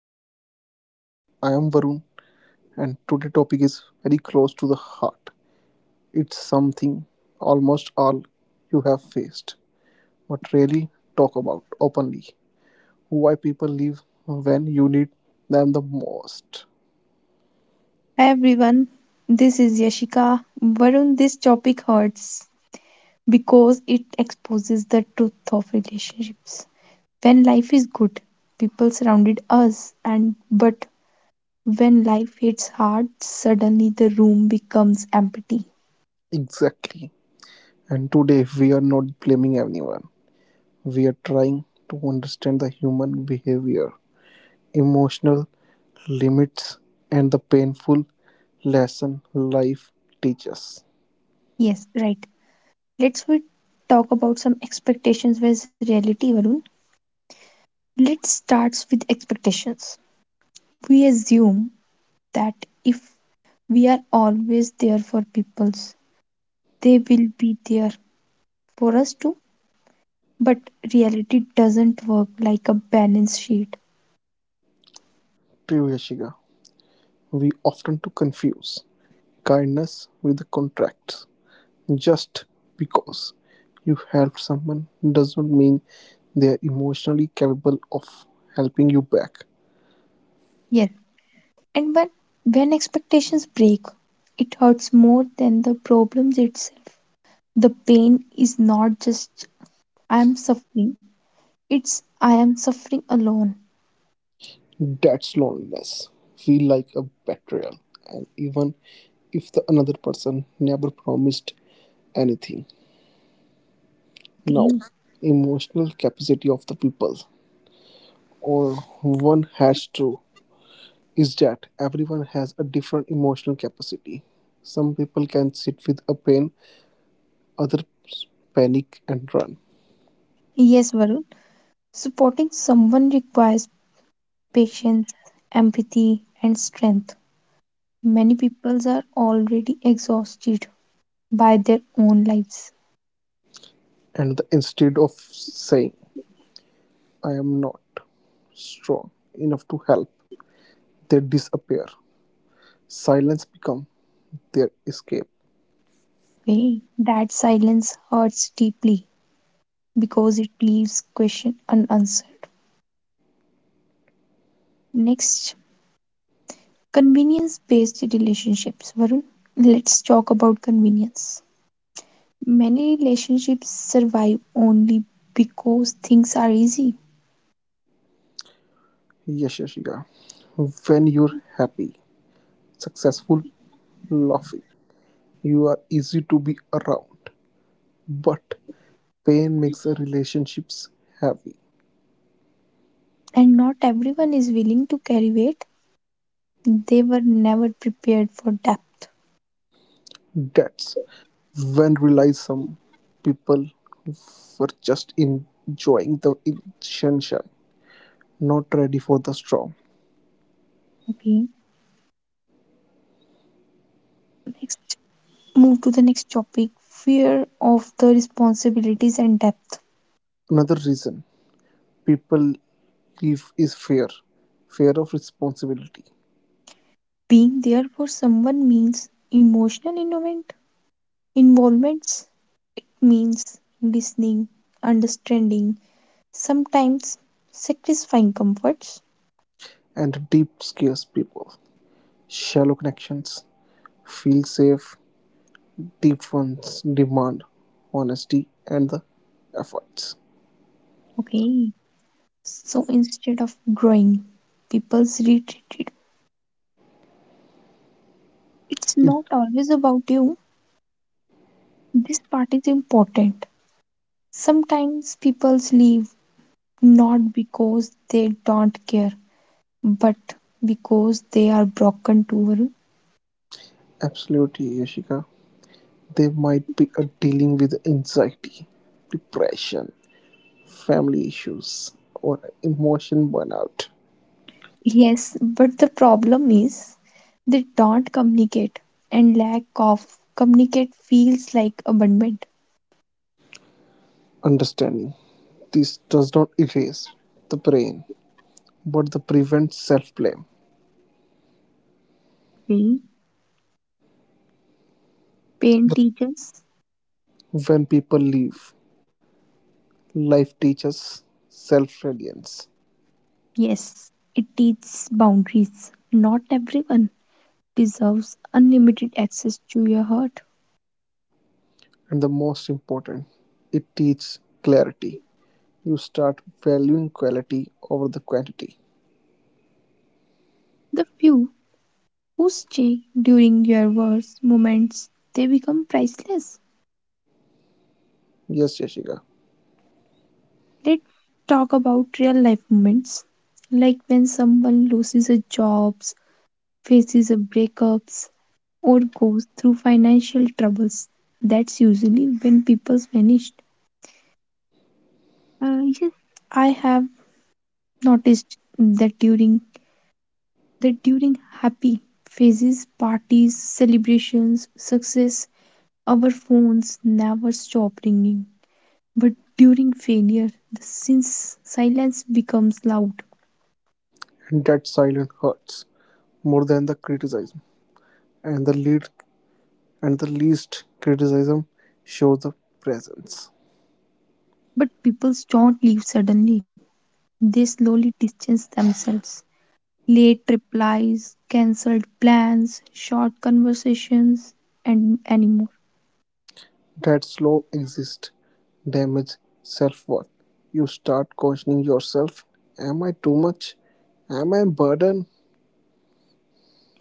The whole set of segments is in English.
the podcast. I am Varun and today topic is very close to the heart. It's something almost all you have faced but rarely talk about openly. Why people leave when you need them the most. Hi everyone, this is Yashika. Varun, this topic hurts because it exposes the truth of relationships. When life is good, people surrounded us, and but when life hits hard, suddenly the room becomes empty. Exactly. And today we are not blaming anyone. We are trying to understand the human behavior, emotional limits, and the painful lesson life teaches. Yes, right. Let's we talk about some expectations versus reality, Varun. Let's start with expectations. We assume that if we are always there for people's, they will be there for us too, but reality doesn't work like a balance sheet. True. We often to confuse kindness with contracts. Just because you helped someone doesn't mean they are emotionally capable of helping you back. Yes, and when expectations break, it hurts more than the problems itself. The pain is not just I am suffering, it's I am suffering alone. That's loneliness. Feel like a betrayal. And even if the another person never promised anything. Now, Okay. emotional capacity of the people, or one has to, is that everyone has a different emotional capacity. Some people can sit with a pain, others panic and run. Yes, Varun, supporting someone requires patience, empathy, and strength. Many people are already exhausted by their own lives. And the, instead of saying, I am not strong enough to help, they disappear. Silence become their escape. Okay. That silence hurts deeply, because it leaves question unanswered. Next, convenience-based relationships. Varun, let's talk about convenience. Many relationships survive only because things are easy, Yes, Yashika. When you're happy, successful, laughing, you are easy to be around. But pain makes relationships heavy. and not everyone is willing to carry weight. They were never prepared for depth. That's when realize some people were just enjoying the sunshine, not ready for the storm. Okay. Move to the next topic fear of the responsibilities and depth. Another reason people leave is fear, fear of responsibility, Being there for someone means emotional involvement, involvements, means listening, understanding, sometimes satisfying comforts. and deep scares people. Shallow connections feel safe. Deep ones demand honesty and the efforts. Okay. So instead of growing, people's retreated. It's It- not always about you. This part is important. Sometimes people's leave not because they don't care, but because they are broken too. Absolutely, Yashika. They might be dealing with anxiety, depression, family issues, or emotion burnout. Yes, but the problem is they don't communicate and lack of communicate feels like abandonment. Understanding this does not erase the brain, but the prevents self blame. Well, pain teaches, When people leave, life teaches self reliance, yes, it teaches boundaries. Not everyone deserves unlimited access to your heart. and the most important, it teaches clarity. You start valuing quality over the quantity. The few who stay during your worst moments, they become priceless. Yes, Yashika, Let's talk about real life moments, like when someone loses a job, faces a breakups, or goes through financial troubles. That's usually when people vanished. Yes, I have noticed that during happy phases, parties, celebrations, success, our phones never stop ringing. But during failure, the since silence becomes loud. and that silence hurts more than the criticism, and the lead and the least criticism shows the presence. But people don't leave suddenly. They slowly distance themselves. Late replies, cancelled plans, short conversations, and anymore. That slow exist damage self worth. You start questioning yourself. Am I too much? Am I a burden?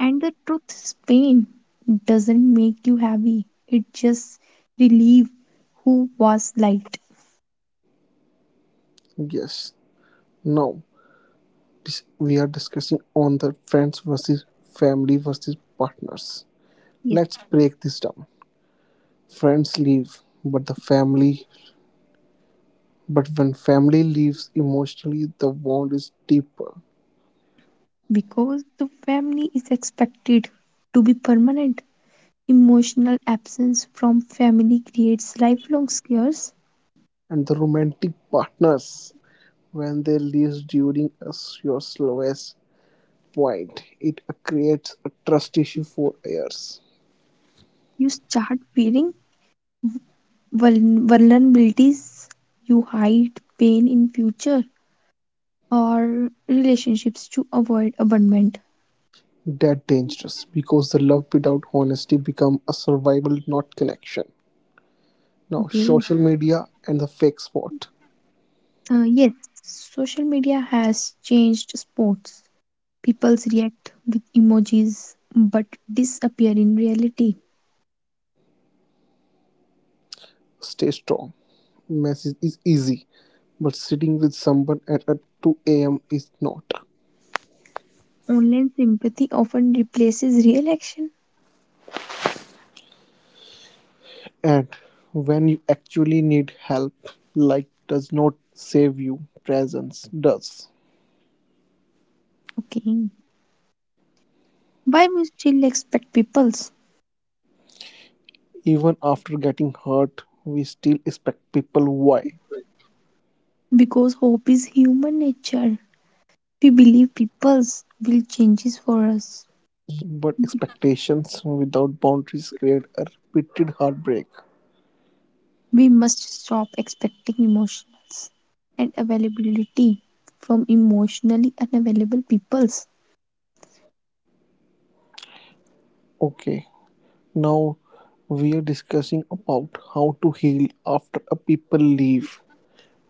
And the truth is pain doesn't make you happy. It just relieves who was light. Yes. Now, this, we are discussing on the friends versus family versus partners. Yes, Let's break this down. Friends leave, but the family, but when family leaves emotionally, the bond is deeper. because the family is expected to be permanent. Emotional absence from family creates lifelong scares. And the romantic partners when they leave during your slowest point, it creates a trust issue for heirs. You start feeling vulnerabilities, you hide pain in future or relationships to avoid abandonment. That dangerous because the love without honesty become a survival, not connection. Now, Okay, social media and the fake spot. Yes, social media has changed sports. People react with emojis but disappear in reality. Stay strong. Message is easy, but sitting with someone at 2 a.m. is not. Online sympathy often replaces real action. And when you actually need help, like does not save you, presence does. Okay. Why we still expect peoples? Even after getting hurt we still expect people why, Because hope is human nature. We believe peoples will changes for us. but expectations without boundaries create a repeated heartbreak. We must stop expecting emotions and availability from emotionally unavailable peoples. Okay, now we are discussing about how to heal after a people leave.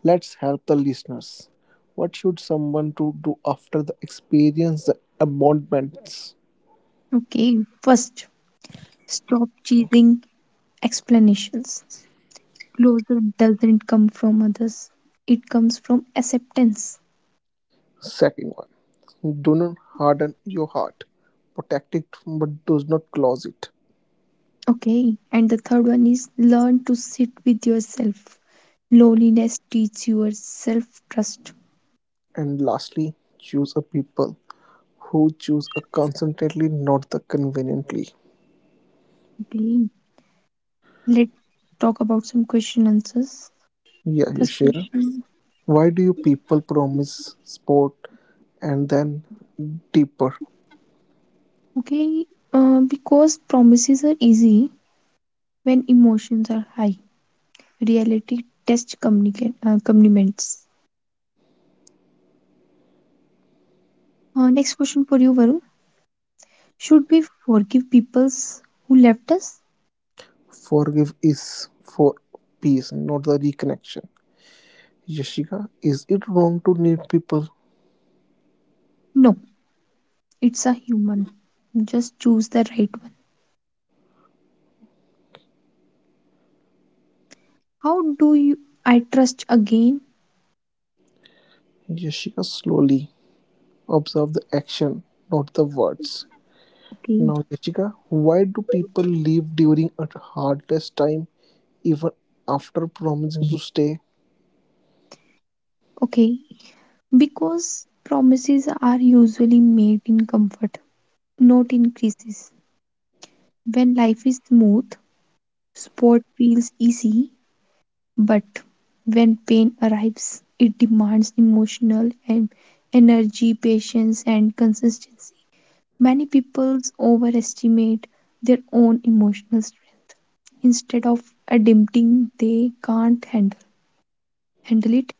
Let's help the listeners, what should someone to do after the experience the abandonment? Okay. First, stop chasing explanations. Closure doesn't come from others. It comes from acceptance. Second one, do not harden your heart, protect it but does not close it. Okay. And the third one is learn to sit with yourself. Loneliness teach your self trust. And lastly choose a people who choose a constantly, not the conveniently. Okay. Let's talk about some question answers. Yeah, you First share. question. Why do you people promise sport and then deeper? Okay. Because promises are easy when emotions are high. Reality test communicate commitments. Next question for you, Varun. Should we forgive people who left us? Forgive is for peace, not the reconnection. Yashika, is it wrong to need people? No. It's a human. Just choose the right one. How do you I trust again? Yashika, slowly observe the action, not the words. Okay, Now, Yashika, why do people leave during a hardest time, even after promising to stay? okay. Because promises are usually made in comfort, not in crisis. When life is smooth, sport feels easy, but when pain arrives, it demands emotional and energy, patience, and consistency. Many people overestimate their own emotional strength. Instead of adapting, they can't handle it.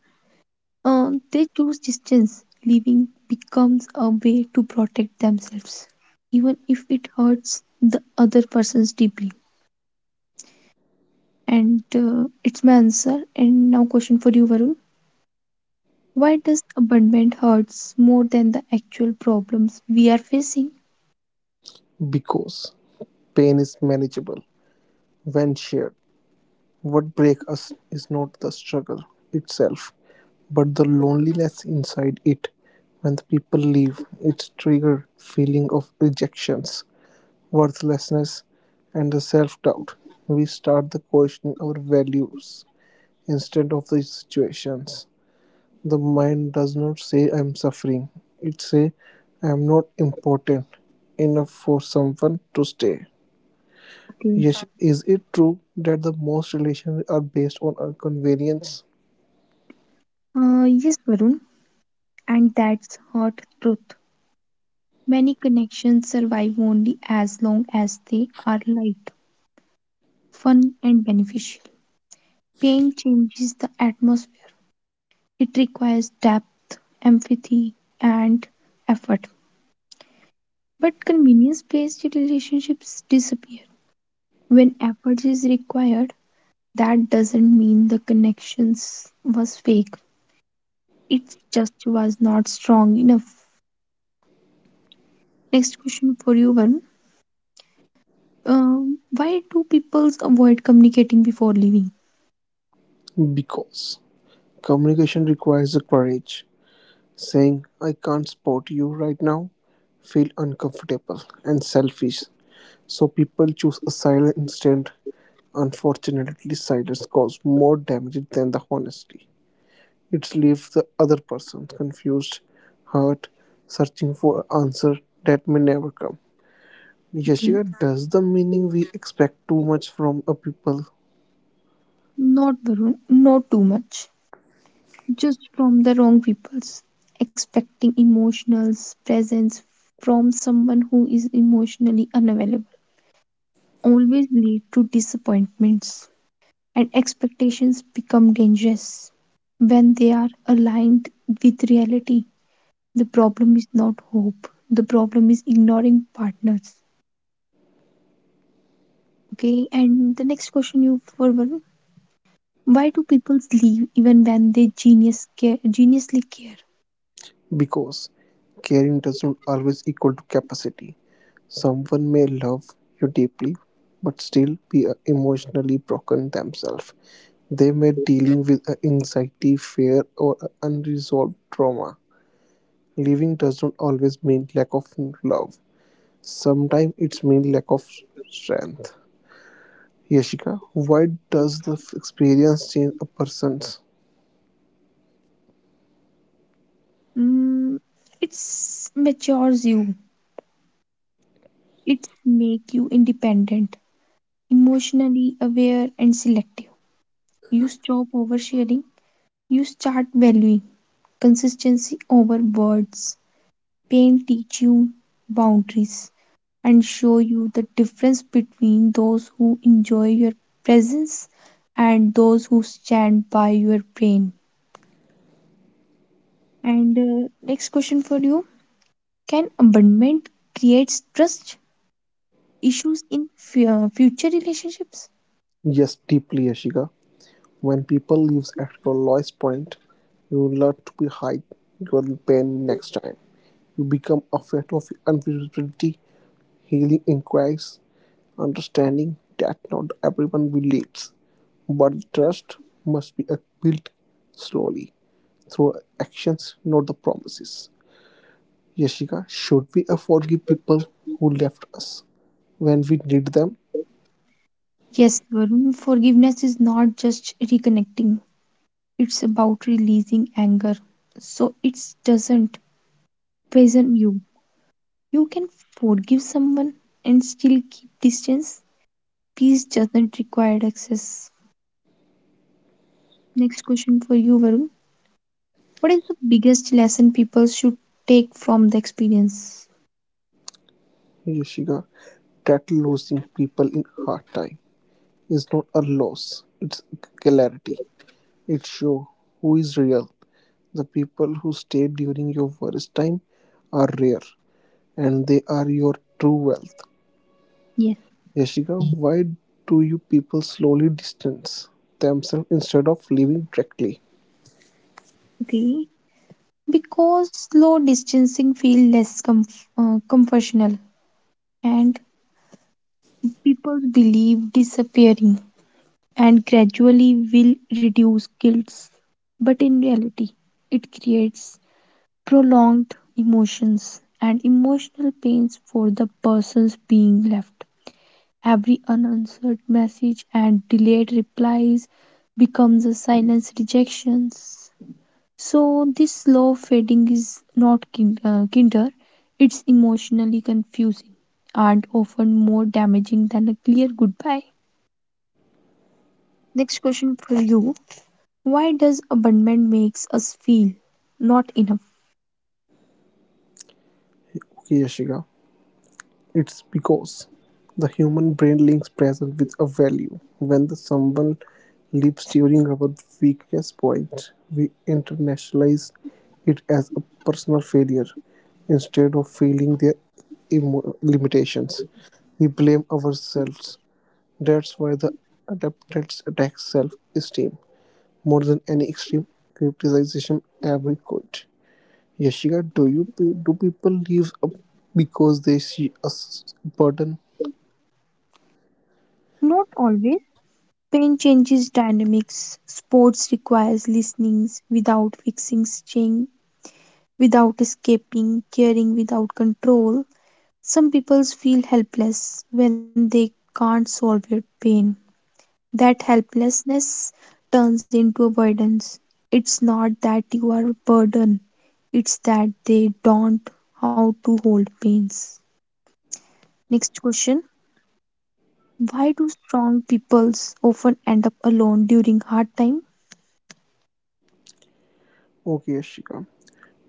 They choose distance. Leaving becomes a way to protect themselves, even if it hurts the other persons deeply. And it's my answer. And now, question for you, Varun. Why does abandonment hurts more than the actual problems we are facing? Because pain is manageable. When shared, what breaks us is not the struggle itself, but the loneliness inside it. When the people leave, it's trigger feeling of rejections, worthlessness, and the self-doubt. We start the questioning our values instead of the situations. The mind does not say I'm suffering. It say I am not important enough for someone to stay. Okay. Yes, is it true that the most relations are based on our convenience? Yes, Varun, and that's hard truth. Many connections survive only as long as they are light, fun, and beneficial. Pain changes the atmosphere. It requires depth, empathy, and effort. But convenience based relationships disappear. When effort is required, that doesn't mean the connections was fake. It just was not strong enough. Next question for you, Varun. Why do people avoid communicating before leaving? Because communication requires the courage. Saying, I can't support you right now, feel uncomfortable and selfish. So people choose a silent instead. Unfortunately, silence causes more damage than the honesty. It leaves the other person confused, hurt, searching for an answer that may never come. Okay. Yashika, does the meaning we expect too much from a people, Not Varun, not too much. Just from the wrong people's expecting emotional presence from someone who is emotionally unavailable always lead to disappointments and expectations become dangerous when they are aligned with reality. The problem is not hope, the problem is ignoring partners. Okay, and the next question you for Varun. Why do people leave even when they geniusly care? because caring doesn't always equal to capacity. Someone may love you deeply but still be emotionally broken themselves. They may dealing with anxiety, fear or unresolved trauma. Leaving doesn't always mean lack of love. Sometimes it's mean lack of strength. Yashika, why does the experience change a person's? Mm, it matures you. It make you independent, emotionally aware and selective. You stop oversharing. You start valuing consistency over words. Pain teach you boundaries and show you the difference between those who enjoy your presence and those who stand by your pain. And next question for you: Can abandonment creates trust issues in future relationships? Yes, deeply, Ashika. When people leaves at your lowest point, you learn to be hide your pain next time. You become afraid of unpredictability. Healing inquires understanding that not everyone believes, but trust must be built slowly through actions, not the promises. Yashika, should we forgive people who left us when we need them? Yes, Varun, forgiveness is not just reconnecting, it's about releasing anger. So it doesn't poison you. You can forgive someone and still keep distance. Peace doesn't require access. Next question for you, Varun. What is the biggest lesson people should take from the experience? Yashika, that losing people in hard time is not a loss, it's clarity. It shows who is real. The people who stayed during your worst time are rare and they are your true wealth. Yes, Yashika, why do you people slowly distance themselves instead of leaving directly? okay. Because slow distancing feels less conventional and people believe disappearing and gradually will reduce guilt. But in reality, it creates prolonged emotions and emotional pains for the persons being left. Every unanswered message and delayed replies becomes a silence rejections. So this slow fading is not kinder; it's emotionally confusing and often more damaging than a clear goodbye. Next question for you: Why does abandonment makes us feel not enough? Okay, Yashika. It's because the human brain links pressure with a value. When the someone leaps during our weakest point, we internationalize it as a personal failure instead of feeling their limitations. We blame ourselves. That's why the adaptants attack self esteem more than any extreme criticism ever could. Yashika, do you do people leave up because they see a burden. Not always. Pain changes dynamics. Sports requires listening without fixing, staying without escaping, caring without control. Some people feel helpless when they can't solve their pain. That helplessness turns into avoidance. It's not that you are a burden, it's that they don't how to hold pains. Next question. Why do strong peoples often end up alone during hard time? Okay, Ashika.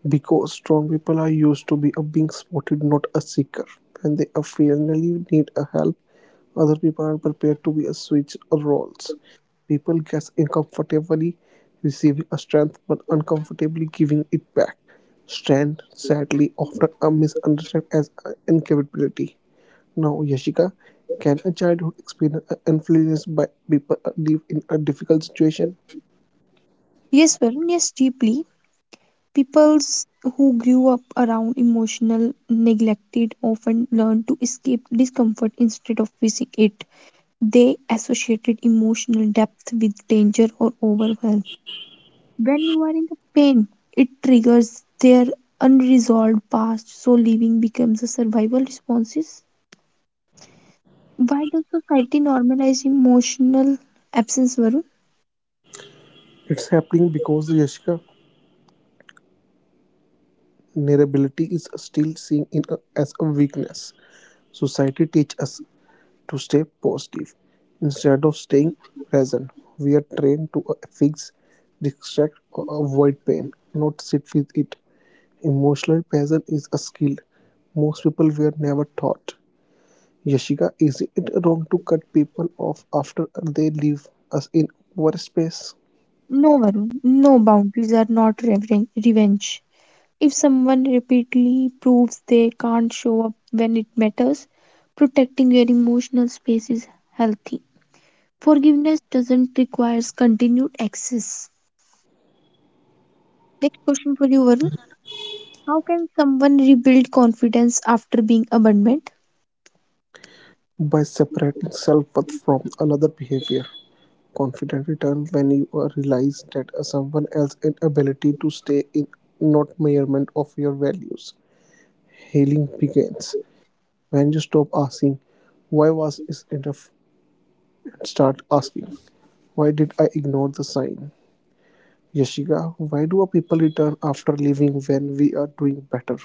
Because strong people are used to be a being supported, not a seeker. When they occasionally need a help, other people are prepared to be a switch roles. People get uncomfortably receiving a strength, but uncomfortably giving it back. Strength, sadly, often are misunderstood as incapability. Now, Yashika, can a childhood experience influenced by people live in a difficult situation? Yes, Varun, yes, deeply. Peoples who grew up around emotional neglected often learn to escape discomfort instead of facing it. They associated emotional depth with danger or overwhelm. When you are in the pain, it triggers their unresolved past, so living becomes a survival response. Why does society normalize emotional absence, Varun? It's happening because Yashika vulnerability is still seen in a, as a weakness. Society teaches us to stay positive instead of staying present. We are trained to fix, distract, or avoid pain, not sit with it. Emotional presence is a skill most people were never taught. Yashika, is it wrong to cut people off after they leave us in our space, No, Varun, no boundaries are not revenge. If someone repeatedly proves they can't show up when it matters, protecting your emotional space is healthy. Forgiveness doesn't require continued access. Next question for you, Varun. How can someone rebuild confidence after being abandoned? by separating self worth from another behavior? Confident return when you realize that someone else's inability to stay in not measurement of your values. Healing begins when you stop asking, "Why was it enough?" and start asking, "Why did I ignore the sign?" Yashika, why do people return after leaving when we are doing better?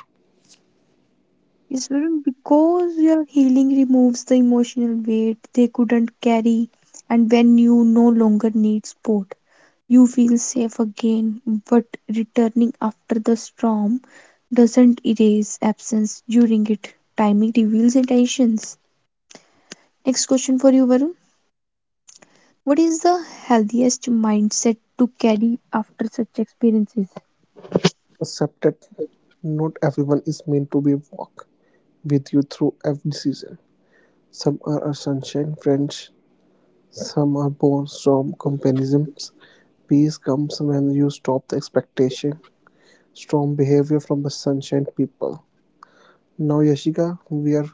Yes, Varun, because your healing removes the emotional weight they couldn't carry, and when you no longer need support you feel safe again, but returning after the storm doesn't erase absence during it. Timing reveals intentions. Next question for you, Varun. What is the healthiest mindset to carry after such experiences? Accept that not everyone is meant to be walk with you through every season. Some are a sunshine friends. Some are born from comparisons. Peace comes when you stop the expectation. Strong behavior from the sunshine people. Now, Yashika, we are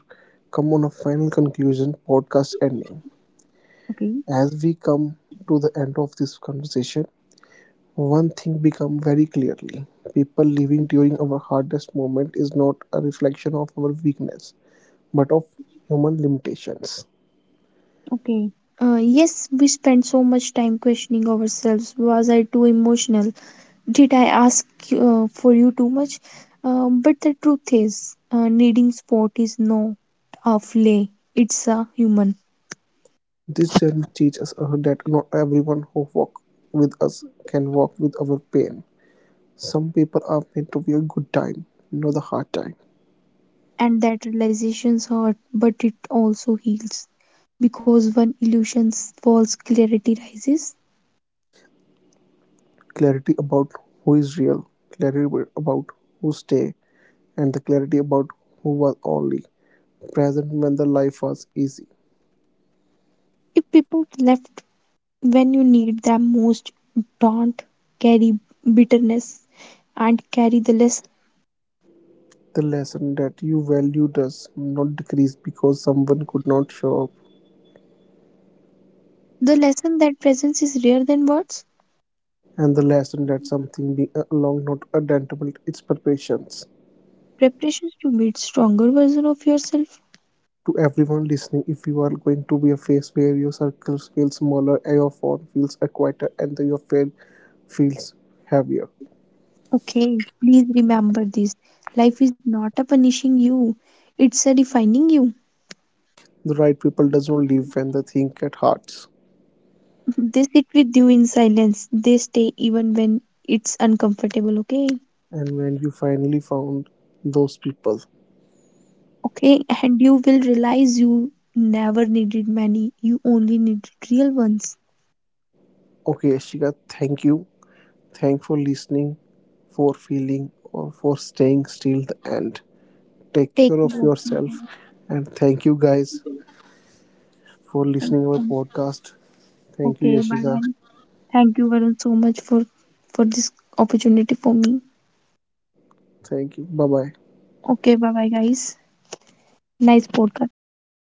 come on a final conclusion, podcast ending. Okay. As we come to the end of this conversation, one thing become very clearly. People living during our hardest moment is not a reflection of our weakness, but of human limitations. Okay. Yes, we spend so much time questioning ourselves. Was I too emotional? Did I ask for you too much? But the truth is, needing sport is not a play, it's a human. This journey teaches us that not everyone who walks with us can walk with our pain. Some people are meant to be a good time, not the hard time. And that realization hurt but it also heals because when illusions falls clarity rises. Clarity about who is real, clarity about who stay, and the clarity about who was only present when the life was easy. If people left when you need them most, don't carry bitterness and carry the lesson, The lesson that you value does not decrease because someone could not show up, the lesson that presence is rare than words, and the lesson that something being along not identical its preparations. preparations to meet stronger version of yourself. To everyone listening, if you are going to be a phase where your circles feel smaller, your phone feels quieter, and your fail feels heavier, Okay, please remember this. Life is not a punishing you, it's a defining you. the right people does not leave when they think at hearts. They sit with you in silence. They stay even when it's uncomfortable, okay? And when you finally found those people, Okay, and you will realize you never needed many, you only needed real ones. okay Ashika, thank you. Thanks for listening, for feeling or for staying still the end. Take Take care of care of yourself. yourself. And thank you guys for listening our podcast. Thank you Okay, bye Yashika. guys. Thank you Varun so much for this opportunity for me. Thank you, bye bye. Okay, bye bye guys. Nice podcast.